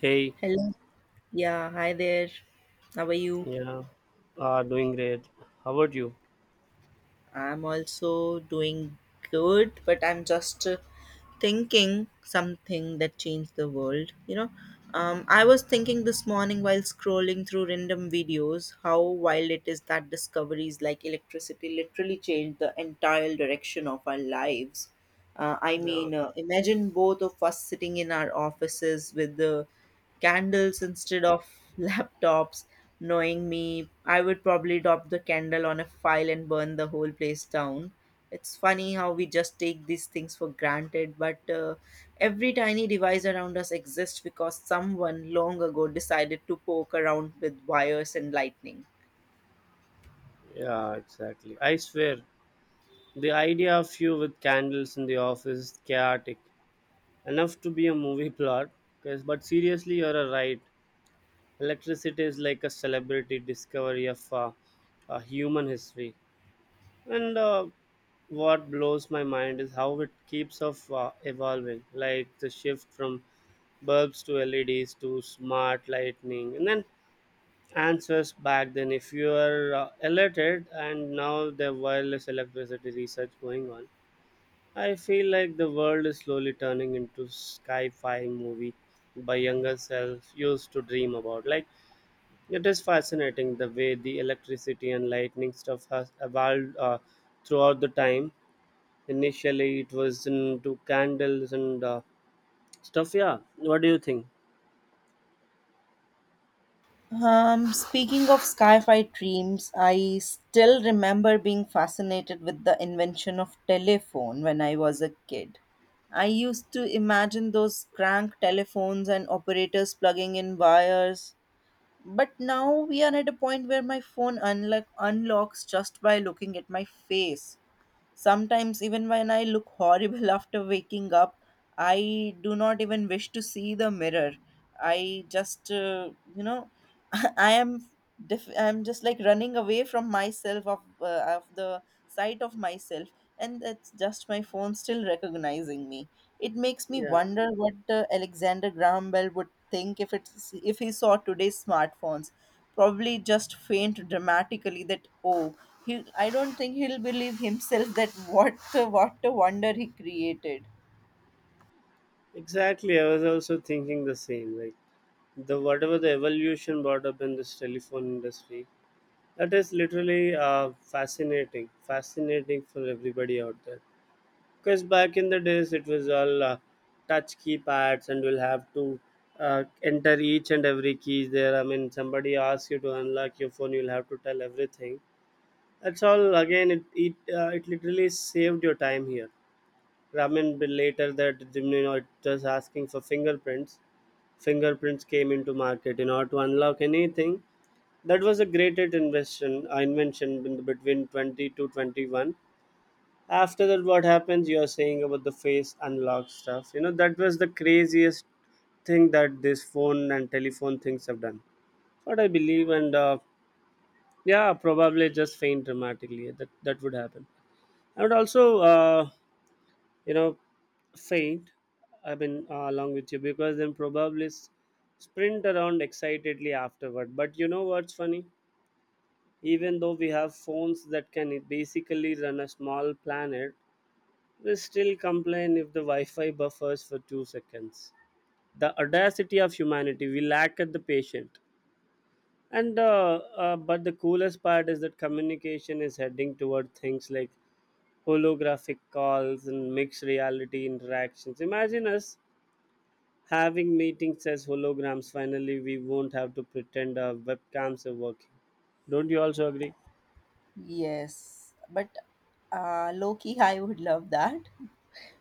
Hey, Hello. Yeah, hi there. How are you? yeah, doing great. How about you? I'm also doing good, but I'm just thinking something that changed the world, you know. I was thinking this morning while scrolling through random videos how wild it is that discoveries like electricity literally changed the entire direction of our lives. I Yeah, mean, imagine both of us sitting in our offices with the candles instead of laptops. Knowing me, I would probably drop the candle on a file and burn the whole place down. It's funny how we just take these things for granted, but every tiny device around us exists because someone long ago decided to poke around with wires and lightning. yeah, exactly. I swear, the idea of you with candles in the office is chaotic. Enough to be a movie plot, guys. But seriously, you're a right. Electricity is like a celebrity discovery of human history. And what blows my mind is how it keeps of evolving, like the shift from bulbs to LEDs to smart lightning, and then answers back then if you are alerted, and now the wireless electricity research going on. I feel like the world is slowly turning into sci-fi movie by younger self used to dream about. Like, it is fascinating the way the electricity and lightning stuff has evolved throughout the time. Initially it was into candles and stuff. Yeah, what do you think? Speaking of sci-fi dreams, I still remember being fascinated with the invention of telephone when I was a kid. I used to imagine those crank telephones and operators plugging in wires. But now we are at a point where my phone unlocks just by looking at my face. Sometimes, even when I look horrible after waking up, I do not even wish to see the mirror. I just, I am, I'm just like running away from myself of the sight of myself, and that's just my phone still recognizing me. It makes me Yeah. wonder what Alexander Graham Bell would think if it's if he saw today's smartphones. Probably just faint dramatically that oh, he, I don't think he'll believe himself that what a wonder he created. Exactly, I was also thinking the same. Like, the whatever the evolution brought up in this telephone industry, that is literally fascinating for everybody out there. Because back in the days, it was all touch keypads, and we'll have to enter each and every key there. I mean, somebody asks you to unlock your phone, you'll have to tell everything. That's all. Again, it it literally saved your time here. I mean, but later that, you know, it was asking for fingerprints. Fingerprints came into market in order to unlock anything. That was a great invention, invention in the between 20 to 21. After that, what happens, you are saying about the face unlock stuff, you know, that was the craziest thing that this phone and telephone things have done. What I believe, and yeah, probably just faint dramatically, that that would happen. I would also uh, you know faint. I mean, along with you, because then probably sprint around excitedly afterward. But you know what's funny, even though we have phones that can basically run a small planet, we still complain if the wi-fi buffers for 2 seconds. The audacity of humanity, we lack at the patient. And But the coolest part is that communication is heading toward things like holographic calls and mixed reality interactions. Imagine us having meetings as holograms. Finally, we won't have to pretend our webcams are working. Don't you also agree? Yes, but low key, I would love that.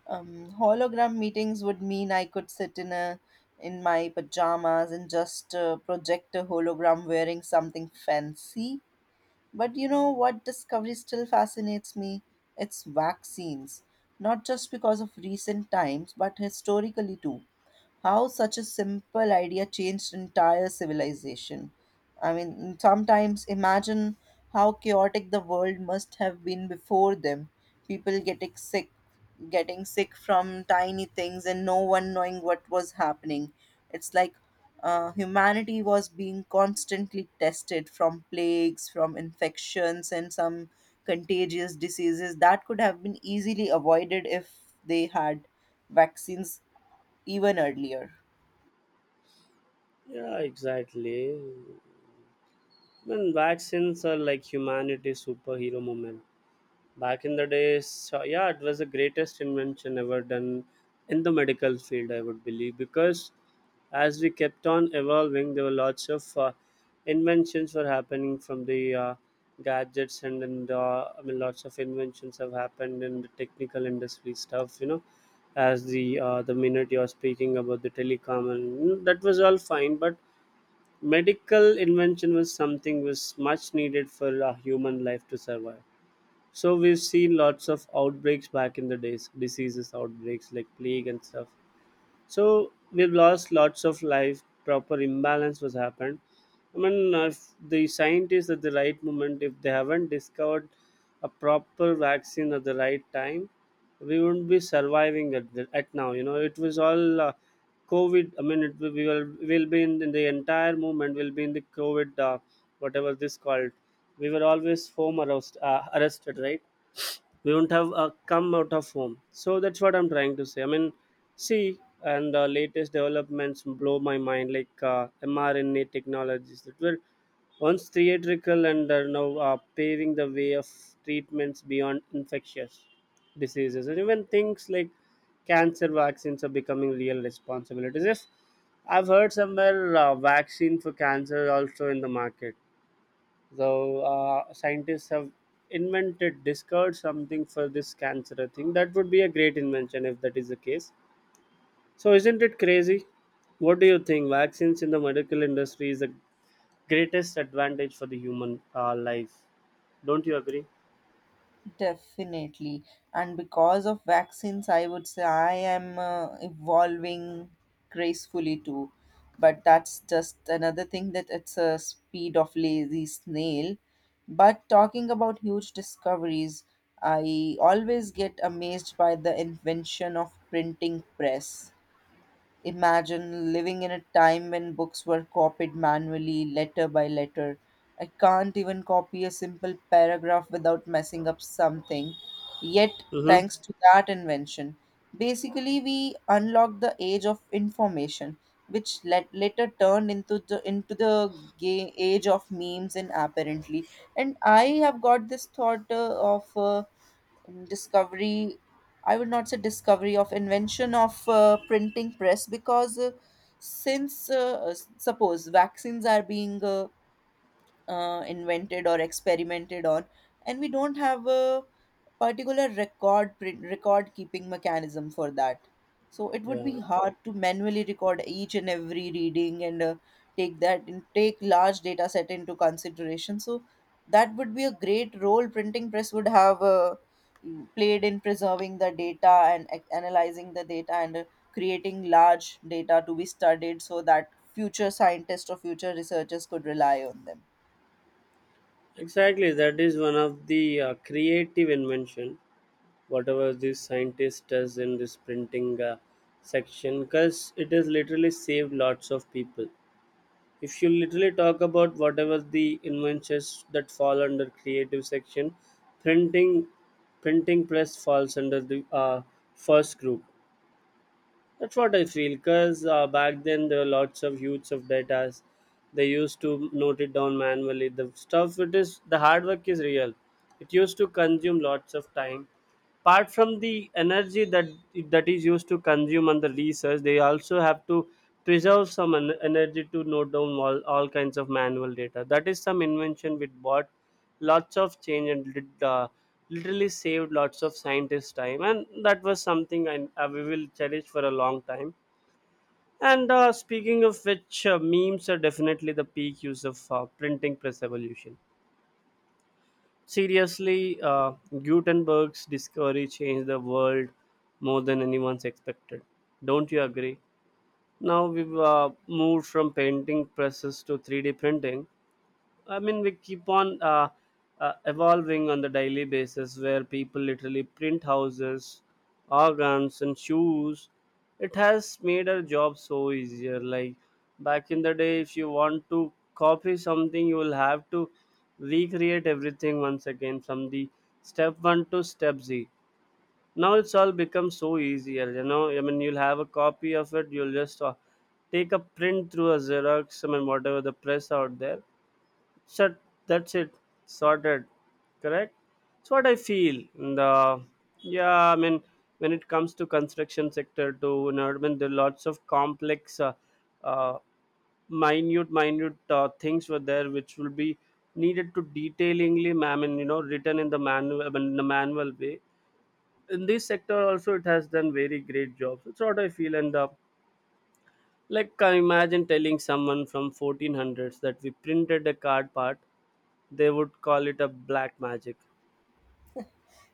Hologram meetings would mean I could sit in my pajamas and just project a hologram wearing something fancy. But you know what discovery still fascinates me? It's vaccines. Not just because of recent times, but historically too, how such a simple idea changed entire civilization. I mean, sometimes imagine how chaotic the world must have been before them. People getting sick from tiny things, and no one knowing what was happening. It's like humanity was being constantly tested from plagues, from infections, and some contagious diseases that could have been easily avoided if they had vaccines even earlier. Yeah, exactly. When vaccines are like humanity's superhero moment. Back in the days, so yeah, it was the greatest invention ever done in the medical field, I would believe, because as we kept on evolving, there were lots of inventions were happening from the gadgets. And I mean, lots of inventions have happened in the technical industry stuff, you know. As the minute you're speaking about the telecom and that was all fine. But medical invention was something was much needed for a human life to survive. So we've seen lots of outbreaks back in the days, diseases outbreaks like plague and stuff. So we've lost lots of life. Proper imbalance was happened. I mean, if the scientists at the right moment, if they haven't discovered a proper vaccine at the right time, we wouldn't be surviving at now. You know, it was all COVID. I mean, it, will- we will be in the entire movement. Will be in the COVID, whatever this called. We were always home arrest, arrested, right? We won't have come out of home. So that's what I'm trying to say. I mean, see, and latest developments blow my mind, like mrna technologies that were once theatrical and are now paving the way of treatments beyond infectious diseases, and even things like cancer vaccines are becoming real responsibilities. If I've heard somewhere, vaccine for cancer also in the market. So scientists have invented, discovered something for this cancer thing. That would be a great invention if that is the case. So isn't it crazy? What do you think? Vaccines in the medical industry is the greatest advantage for the human life. Don't you agree? Definitely. And because of vaccines, I would say I am evolving gracefully too. But that's just another thing that it's a speed of lazy snail. But talking about huge discoveries, I always get amazed by the invention of printing press. Imagine living in a time when books were copied manually, letter by letter. I can't even copy a simple paragraph without messing up something. Yet, Mm-hmm. thanks to that invention, basically we unlocked the age of information, which let, later turned into the age of memes and apparently. And I have got this thought of discovery. I would not say discovery of invention of printing press, because suppose vaccines are being invented or experimented on, and we don't have a particular record keeping mechanism for that, so it would Yeah, be hard to manually record each and every reading, and take that and take large data set into consideration. So that would be a great role printing press would have played in preserving the data, and analyzing the data, and creating large data to be studied, so that future scientists or future researchers could rely on them. exactly. That is one of the creative invention, whatever this scientist does in this printing section, because it has literally saved lots of people. If you literally talk about whatever the inventions that fall under creative section, printing printing press falls under the first group. That's what I feel, because back then there were lots of huge of data. They used to note it down manually. The stuff it is, the hard work is real. It used to consume lots of time, apart from the energy that is used to consume on the research. They also have to preserve some energy to note down all kinds of manual data. That is some invention which brought lots of change, and literally saved lots of scientists time. And that was something I we will cherish for a long time. And speaking of which, memes are definitely the peak use of printing press evolution. Seriously, Gutenberg's discovery changed the world more than anyone's expected. Don't you agree? Now we've moved from painting presses to 3D printing. I mean, we keep on evolving on the daily basis, where people literally print houses, organs, and shoes. It has made our job so easier. Like, back in the day, if you want to copy something, you will have to recreate everything once again from the step one to step Z. Now it's all become so easier. You know, I mean, you'll have a copy of it. You'll just take a print through a Xerox. I mean, whatever the press out there. Shut, that's it, sorted, correct? It's what I feel. And, yeah, I mean, when it comes to construction sector to in urban, there are lots of complex, uh, minute things were there, which will be needed to detailingly, I mean, you know, written in the manual, I mean, in the manual way. In this sector also, it has done very great jobs. It's what I feel. And like, I imagine telling someone from 1400s that we printed a card part, they would call it a black magic.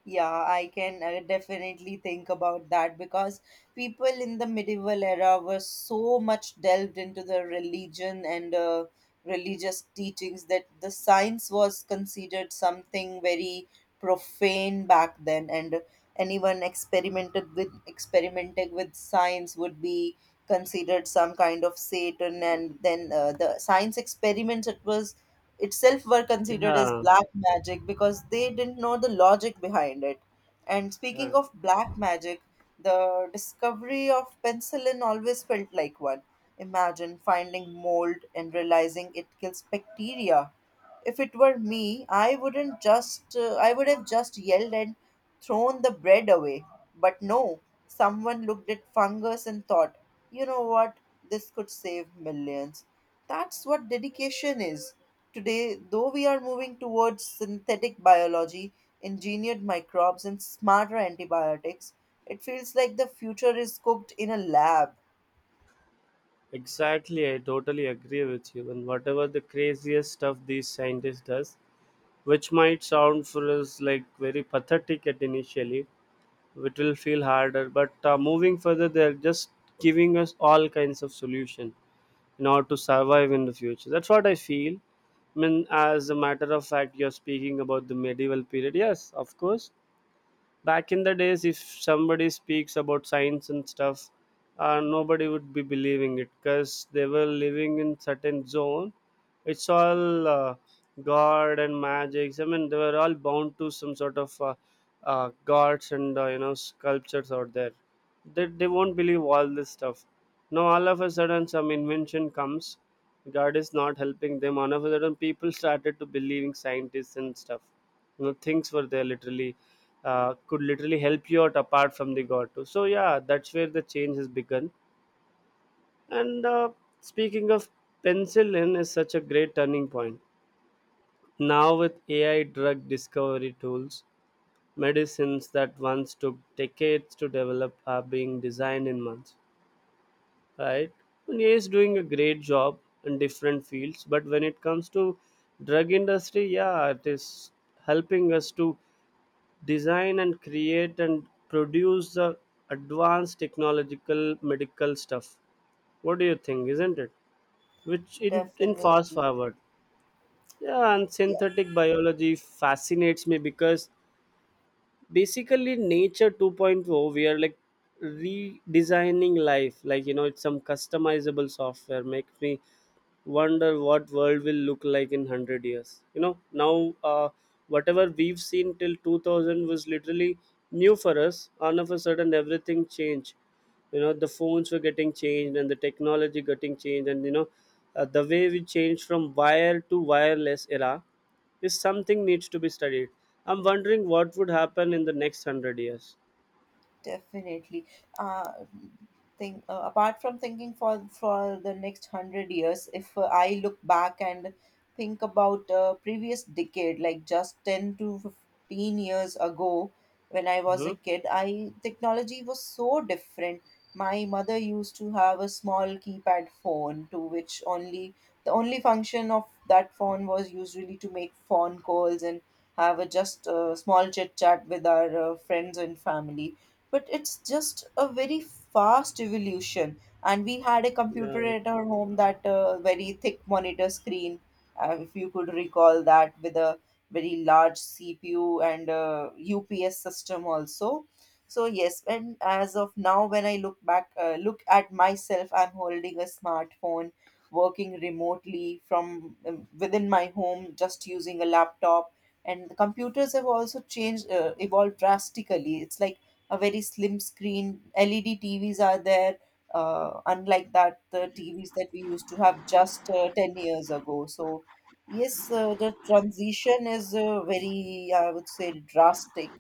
Yeah, I can definitely think about that because people in the medieval era were so much delved into the religion and religious teachings that the science was considered something very profane back then, and anyone experimented with experimenting with science would be considered some kind of satan, and then the science experiments, it was itself, were considered as Yeah, black magic because they didn't know the logic behind it. And yeah, speaking of black magic, the discovery of penicillin always felt like one. Imagine finding mold and realizing it kills bacteria. If it were me, I wouldn't just I would have just yelled and thrown the bread away. But no, someone looked at fungus and thought, "You know what? This could save millions." That's what dedication is. Today, though we are moving towards synthetic biology, engineered microbes and smarter antibiotics, it feels like the future is cooked in a lab. exactly. I totally agree with you. And whatever the craziest stuff these scientists does, which might sound for us like very pathetic at initially, it will feel harder. But moving further, they're just giving us all kinds of solution in order to survive in the future. That's what I feel. I mean, as a matter of fact, you're speaking about the medieval period. Yes, of course, back in the days if somebody speaks about science and stuff, nobody would be believing it, because they were living in certain zone. It's all god and magics. I mean, they were all bound to some sort of gods and you know, sculptures out there. They won't believe all this stuff. Now all of a sudden some invention comes. God is not helping them. All of a sudden people started to believing scientists and stuff, you know. Things were there literally could literally help you out apart from the god too. So yeah, that's where the change has begun. And speaking of penicillin, is such a great turning point. Now with ai drug discovery tools, medicines that once took decades to develop are being designed in months, right? And ai is doing a great job in different fields. But when it comes to drug industry, yeah, it is helping us to design and create and produce the advanced technological medical stuff. What do you think, isn't it, which in fast Definitely. forward. Yeah, and Yes. synthetic biology fascinates me because basically nature 2.0. We are like redesigning life, like, you know, it's some customizable software. Makes me wonder what world will look like in 100 years. You know, now whatever we've seen till 2000 was literally new for us. All of a sudden everything changed. You know, the phones were getting changed and the technology getting changed. And you know, the way we changed from wire to wireless era is something needs to be studied. I'm wondering what would happen in the next 100 years. Definitely. Uh, think, apart from thinking for the next hundred years, if I look back and think about previous decade, like just 10 to 15 years ago, when I was Hmm. a kid, I technology was so different. My mother used to have a small keypad phone to which only the only function of that phone was usually to make phone calls and have a just small chit chat with our friends and family. But it's just a very fast evolution. And we had a computer yeah at our home, that very thick monitor screen, if you could recall that, with a very large cpu and ups system also. So yes, and as of now when I look back, look at myself, I'm holding a smartphone, working remotely from within my home just using a laptop. And the computers have also changed, evolved drastically. It's like a very slim screen. LED TVs are there, unlike that the TVs that we used to have just 10 years ago. So, yes, the transition is very, I would say, drastic.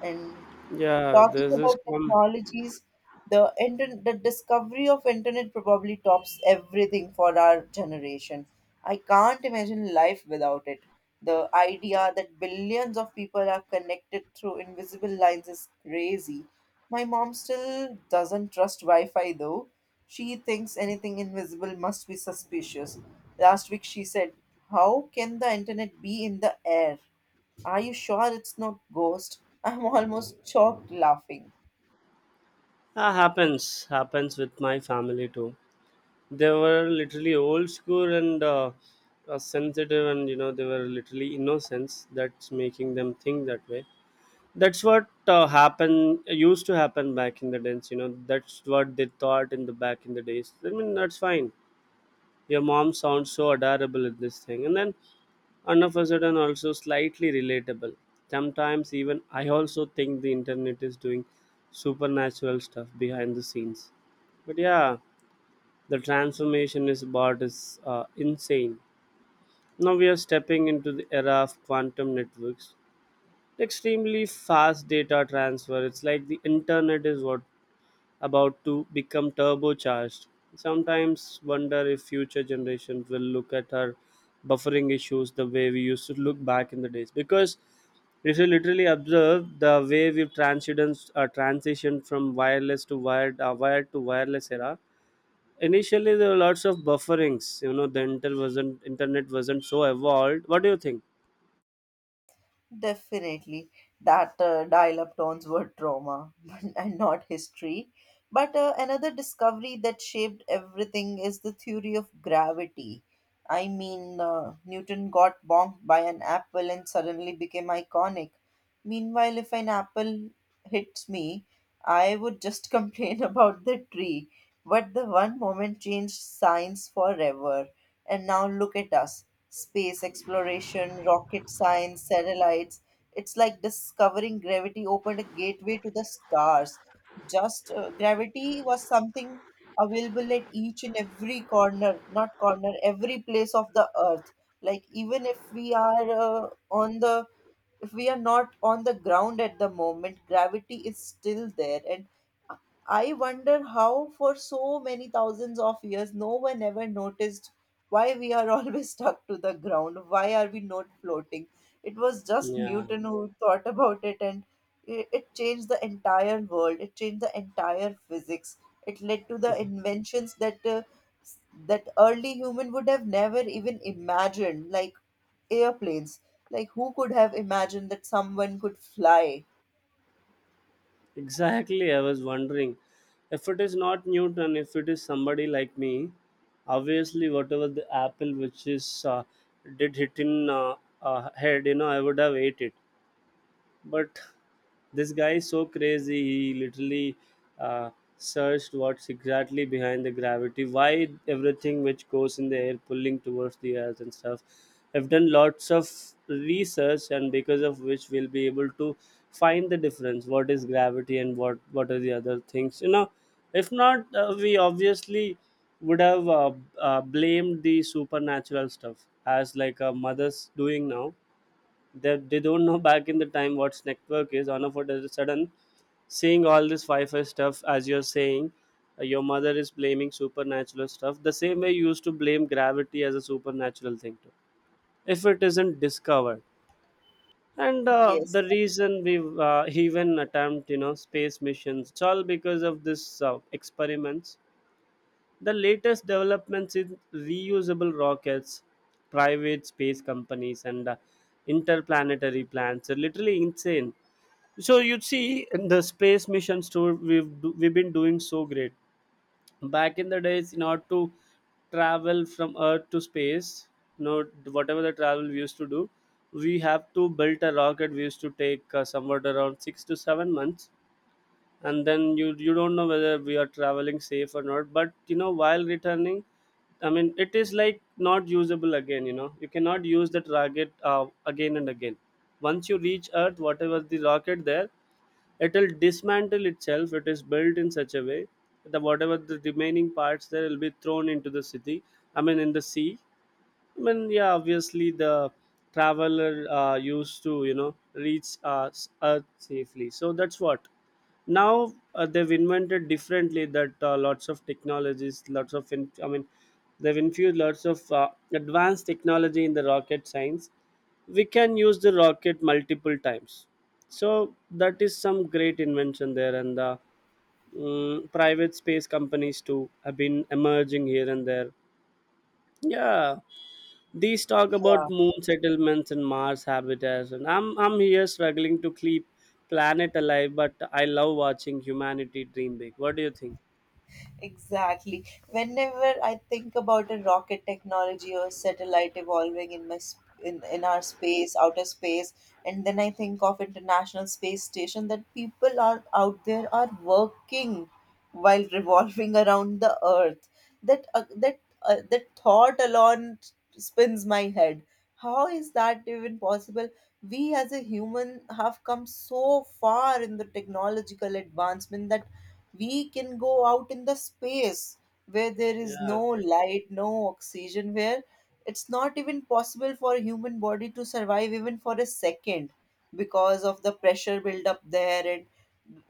And yeah talking there's this about technologies, the discovery of internet probably tops everything for our generation. I can't imagine life without it. The idea that billions of people are connected through invisible lines is crazy. My mom still doesn't trust Wi-Fi though. She thinks anything invisible must be suspicious. Last week she said, how can the internet be in the air? Are you sure it's not ghost? I'm almost choked laughing. Ah, happens with my family too. They were literally old school, and sensitive, and you know, they were literally innocents. That's making them think that way. That's what happened used to happen back in the days. You know, that's what they thought in the back in the days. I mean, that's fine. Your mom sounds so adorable at this thing, and then all of a sudden also slightly relatable. Sometimes even I also think the internet is doing supernatural stuff behind the scenes. But yeah, the transformation is about is insane. Now we are stepping into the era of quantum networks, extremely fast data transfer. It's like the internet is what about to become turbocharged. Sometimes wonder if future generations will look at our buffering issues the way we used to look back in the days, because if you literally observe the way we've transitioned from wireless to wired, wired to wireless era. Initially, there were lots of bufferings. You know, the internet wasn't so evolved. What do you think? Definitely, that dial-up tones were trauma and not history. But another discovery that shaped everything is the theory of gravity. I mean, Newton got bonked by an apple and suddenly became iconic. Meanwhile, if an apple hits me, I would just complain about the tree. But the one moment changed science forever. And now look at us: space exploration, rocket science, satellites. It's like discovering gravity opened a gateway to the stars. Just gravity was something available at each and every corner, not corner, every place of the earth. Like, even if we are on the if we are not on the ground at the moment, gravity is still there. And I wonder how, for so many thousands of years, no one ever noticed why we are always stuck to the ground. Why are we not floating? It was just Yeah, Newton who thought about it, and it changed the entire world. It changed the entire physics. It led to the inventions that s- that early human would have never even imagined, like airplanes. Like who could have imagined that someone could fly? exactly. I was wondering, if it is not Newton, if it is somebody like me, obviously, whatever the apple which is did hit in head, I would have ate it. But this guy is so crazy. He literally uh, searched what's exactly behind the gravity, why everything which goes in the air pulling towards the earth and stuff. I've done lots of research, and because of which we'll be able to find the difference. What is gravity and what are the other things? You know, if not, we obviously would have blamed the supernatural stuff as like a mother's doing now. They don't know back in the time what's network is on a foot of a sudden, seeing all this fi-fi stuff. As you're saying, your mother is blaming supernatural stuff the same way you used to blame gravity as a supernatural thing too, if it isn't discovered. And Yes, the reason we even attempt, you know, space missions, it's all because of this experiments. The latest developments in reusable rockets, private space companies, and interplanetary plans are literally insane. So you see, in the space missions tour, we've been doing so great. Back in the days, in order to travel from Earth to space, you know, whatever the travel we used to do, we have to build a rocket. We used to take somewhat around 6 to 7 months, and then you don't know whether we are traveling safe or not. But you know, while returning, I mean, it is like not usable again. You know, you cannot use that rocket again and again. Once you reach Earth, whatever the rocket there, it will dismantle itself. It is built in such a way that whatever the remaining parts there will be thrown into the city, I mean in the sea. I mean, yeah, obviously the traveler used to, you know, reach Earth safely. So that's what. Now they've invented differently that lots of technologies, I mean, they've infused lots of advanced technology in the rocket science. We can use the rocket multiple times. So that is some great invention there. And the private space companies too have been emerging here and there. Yeah, these talk yeah. about moon settlements and Mars habitats, and I'm here struggling to keep planet alive, but I love watching humanity dream big. What do you think? Exactly. Whenever I think about a rocket technology or satellite evolving in our space, outer space, and then I think of International Space Station that people are out there are working while revolving around the earth, that that thought alone spins my head. How is that even possible? We as a human have come so far in the technological advancement that we can go out in the space, where there is Yeah, no light, no oxygen, where it's not even possible for a human body to survive even for a second because of the pressure build up there. And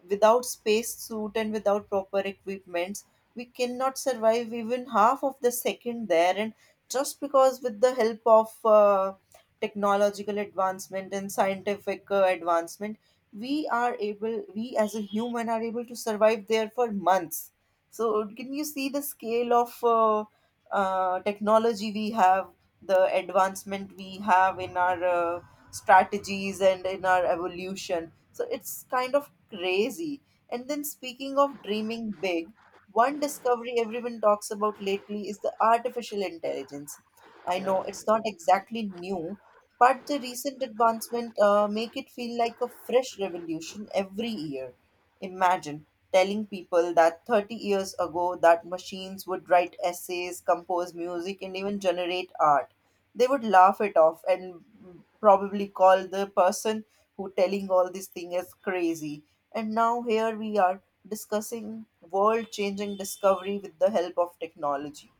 without space suit and without proper equipments, we cannot survive even half of the second there. And just because with the help of technological advancement and scientific advancement, we are able, we as a human are able to survive there for months. So can you see the scale of technology we have, the advancement we have in our strategies and in our evolution? So it's kind of crazy. And then, speaking of dreaming big, one discovery everyone talks about lately is the artificial intelligence. I yeah, know it's not exactly new, but the recent advancement make it feel like a fresh revolution every year. Imagine telling people that 30 years ago that machines would write essays, compose music, and even generate art. They would laugh it off and mm, probably call the person who telling all this thing is crazy. And now here we are discussing world changing discovery with the help of technology.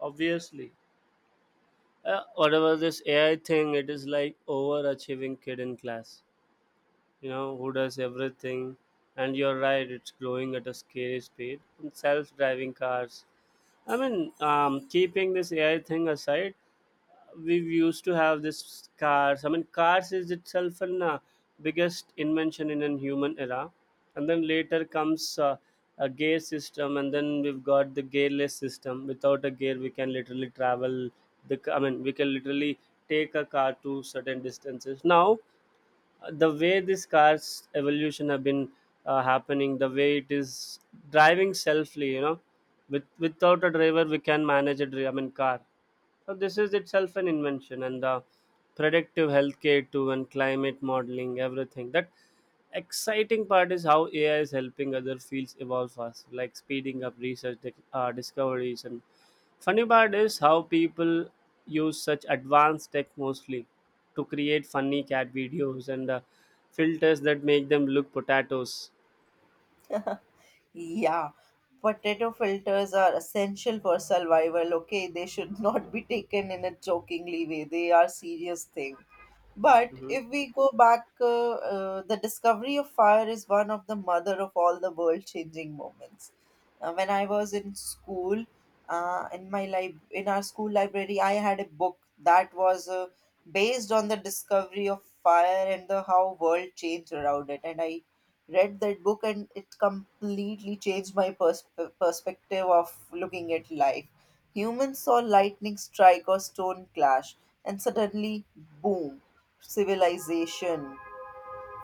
obviously. Whatever this AI thing, it is like overachieving kid in class. You know who does everything, and you're right. It's growing at a scary speed. Self-driving cars. I mean, keeping this AI thing aside, we used to have this cars. I mean, cars is itself an biggest invention in an human era, and then later comes a gear system, and then we've got the gearless system. Without a gear, we can literally travel. I mean, we can literally take a car to certain distances. Now, the way these cars evolution have been happening, the way it is driving selfly, you know, without a driver, we can manage a I mean, car, so this is itself an invention, and the predictive healthcare too, and climate modeling, everything. That exciting part is how AI is helping other fields evolve fast, like speeding up discoveries. And funny part is how people use such advanced tech mostly to create funny cat videos and filters that make them look potatoes. Yeah, potato filters are essential for survival. Okay, they should not be taken in a jokingly way. They are serious thing. But Hmm. if we go back, the discovery of fire is one of the mother of all the world-changing moments. When I was in school, in in our school library, I had a book that was based on the discovery of fire and the how world changed around it, and I read that book and it completely changed perspective of looking at life. Humans saw lightning strike or stone clash, and suddenly, boom, civilization.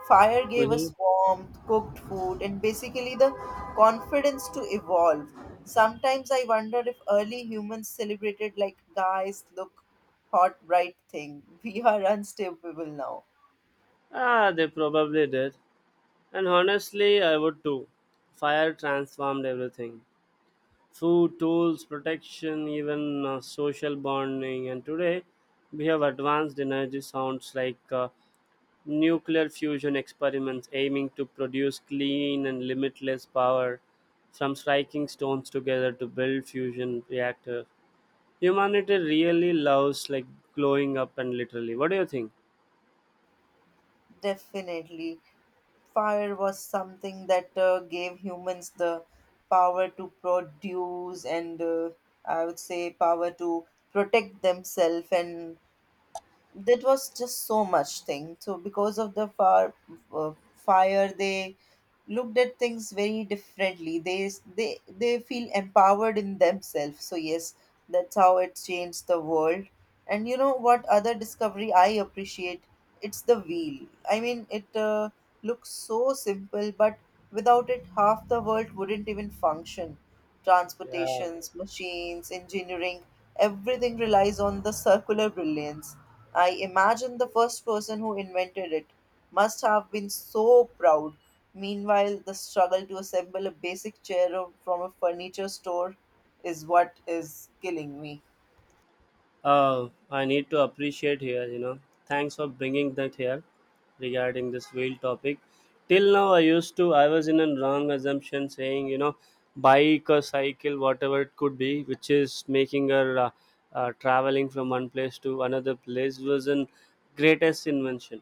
Fire gave Hmm. us warmth, cooked food, and basically the confidence to evolve. Sometimes I wonder if early humans celebrated like, guys, look, hot, bright thing. We are unstoppable now. Ah, they probably did. And honestly, I would too. Fire transformed everything: food, tools, protection, even social bonding. And today, we have advanced energy sounds like nuclear fusion experiments aiming to produce clean and limitless power, from striking stones together to build fusion reactors. Humanity really loves like glowing up, and literally. What do you think? Definitely. Fire was something that gave humans the power to produce and I would say power to protect themselves, and that was just so much thing so because of the fire they looked at things very differently. They feel empowered in themselves. So yes, that's how it changed the world. And you know what other discovery I appreciate? It's the wheel. I mean, it looks so simple, but without it, half the world wouldn't even function. Yeah. Transportations, machines, engineering, everything relies on the circular brilliance. I imagine the first person who invented it must have been so proud. Meanwhile, the struggle to assemble a basic from a furniture store is what is killing me. I need to appreciate here, you know. Thanks for bringing that here regarding this whale topic. Till now, I was in a wrong assumption saying, you know, bike or cycle, whatever it could be, which is making her traveling from one place to another place was an greatest invention.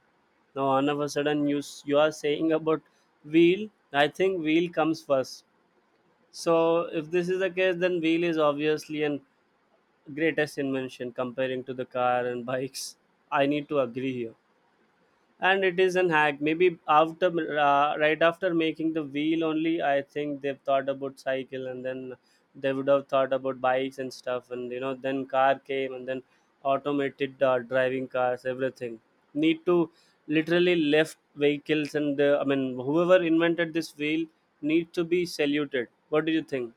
Now, all of a sudden, you are saying about wheel. I think wheel comes first. So, if this is the case, then wheel is obviously an greatest invention comparing to the car and bikes. I need to agree here. And it is an hack, maybe after right after making the wheel only. I think they've thought about cycle, and then they would have thought about bikes and stuff, and you know, then car came, and then automated driving cars, everything. Need to literally left vehicles and I mean, whoever invented this wheel need to be saluted. What do you think?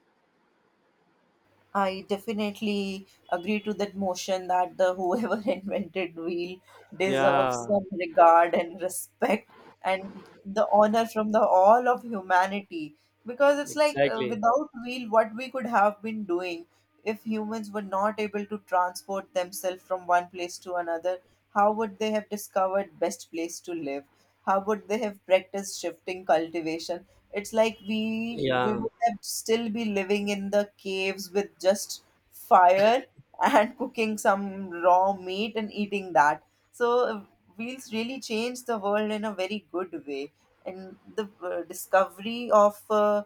I definitely agree to that motion that the whoever invented wheel Yeah, deserves some regard and respect, and the honor from the all of humanity, because it's like exactly. without wheel what we could have been doing if humans were not able to transport themselves from one place to another. How would they have discovered best place to live? How would they have practiced shifting cultivation? It's like we yeah would have still be living in the caves with just fire and cooking some raw meat and eating that. So wheels really change the world in a very good way, and the discovery of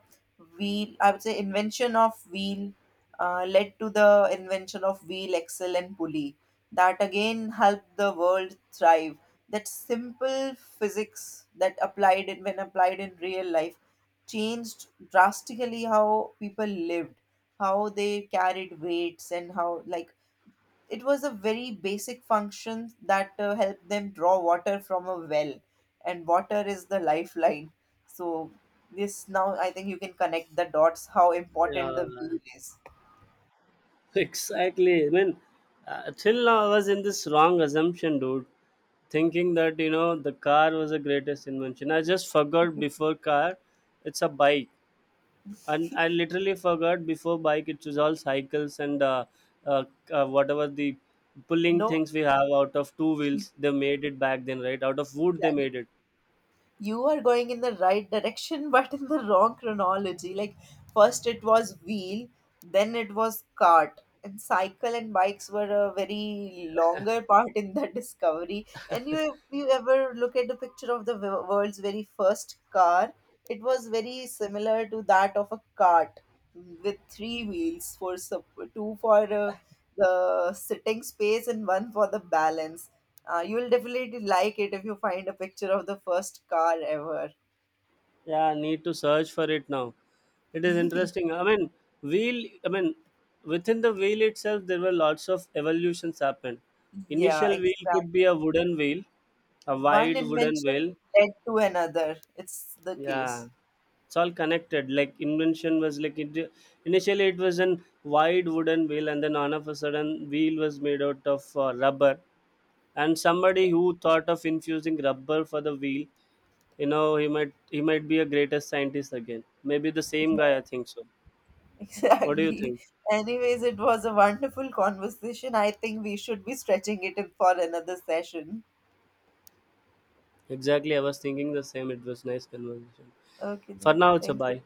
wheel, I would say invention of wheel, led to the invention of wheel, axle, and pulley. That again helped the world thrive. That simple physics that applied in when applied in real life changed drastically how people lived, how they carried weights, and how, like, it was a very basic function that helped them draw water from a well. And water is the lifeline. So, this now I think you can connect the dots how important the yeah wheel is. Exactly. I mean, till now I was in this wrong assumption, dude, thinking that you know the car was the greatest invention. I just forgot before car, it's a bike, and I literally forgot before bike it was all cycles and uh, whatever the pulling No, things we have out of two wheels. They made it back then, right? Out of wood they exactly. made it. You are going in the right direction but in the wrong chronology, like first it was wheel, then it was cart, and cycle and bikes were a very longer part in the discovery. And you, if you ever look at the picture of the world's very first car, it was very similar to that of a cart with three wheels, for two for the sitting space and one for the balance. You will definitely like it if you find a picture of the first car ever. Yeah, I need to search for it now. It is interesting. I mean, wheel. I mean, within the wheel itself, there were lots of evolutions happened. Yeah, Initial wheel could exactly. be a wooden wheel, a One wide wooden invention wheel. led to another. It's the Yeah, case. it's all connected. Like invention was like it, initially it was an wide wooden wheel, and then all of a sudden, wheel was made out of rubber. And Ex- somebody who thought of infusing rubber for the wheel, you know, he might be a greatest scientist again. Maybe the same guy, I think so. What do you Exactly. think? Anyways, it was a wonderful conversation. I think we should be stretching it in for another session. Exactly. I was thinking the same. It was nice conversation. Okay, For then. now, it's a Thank you. bye.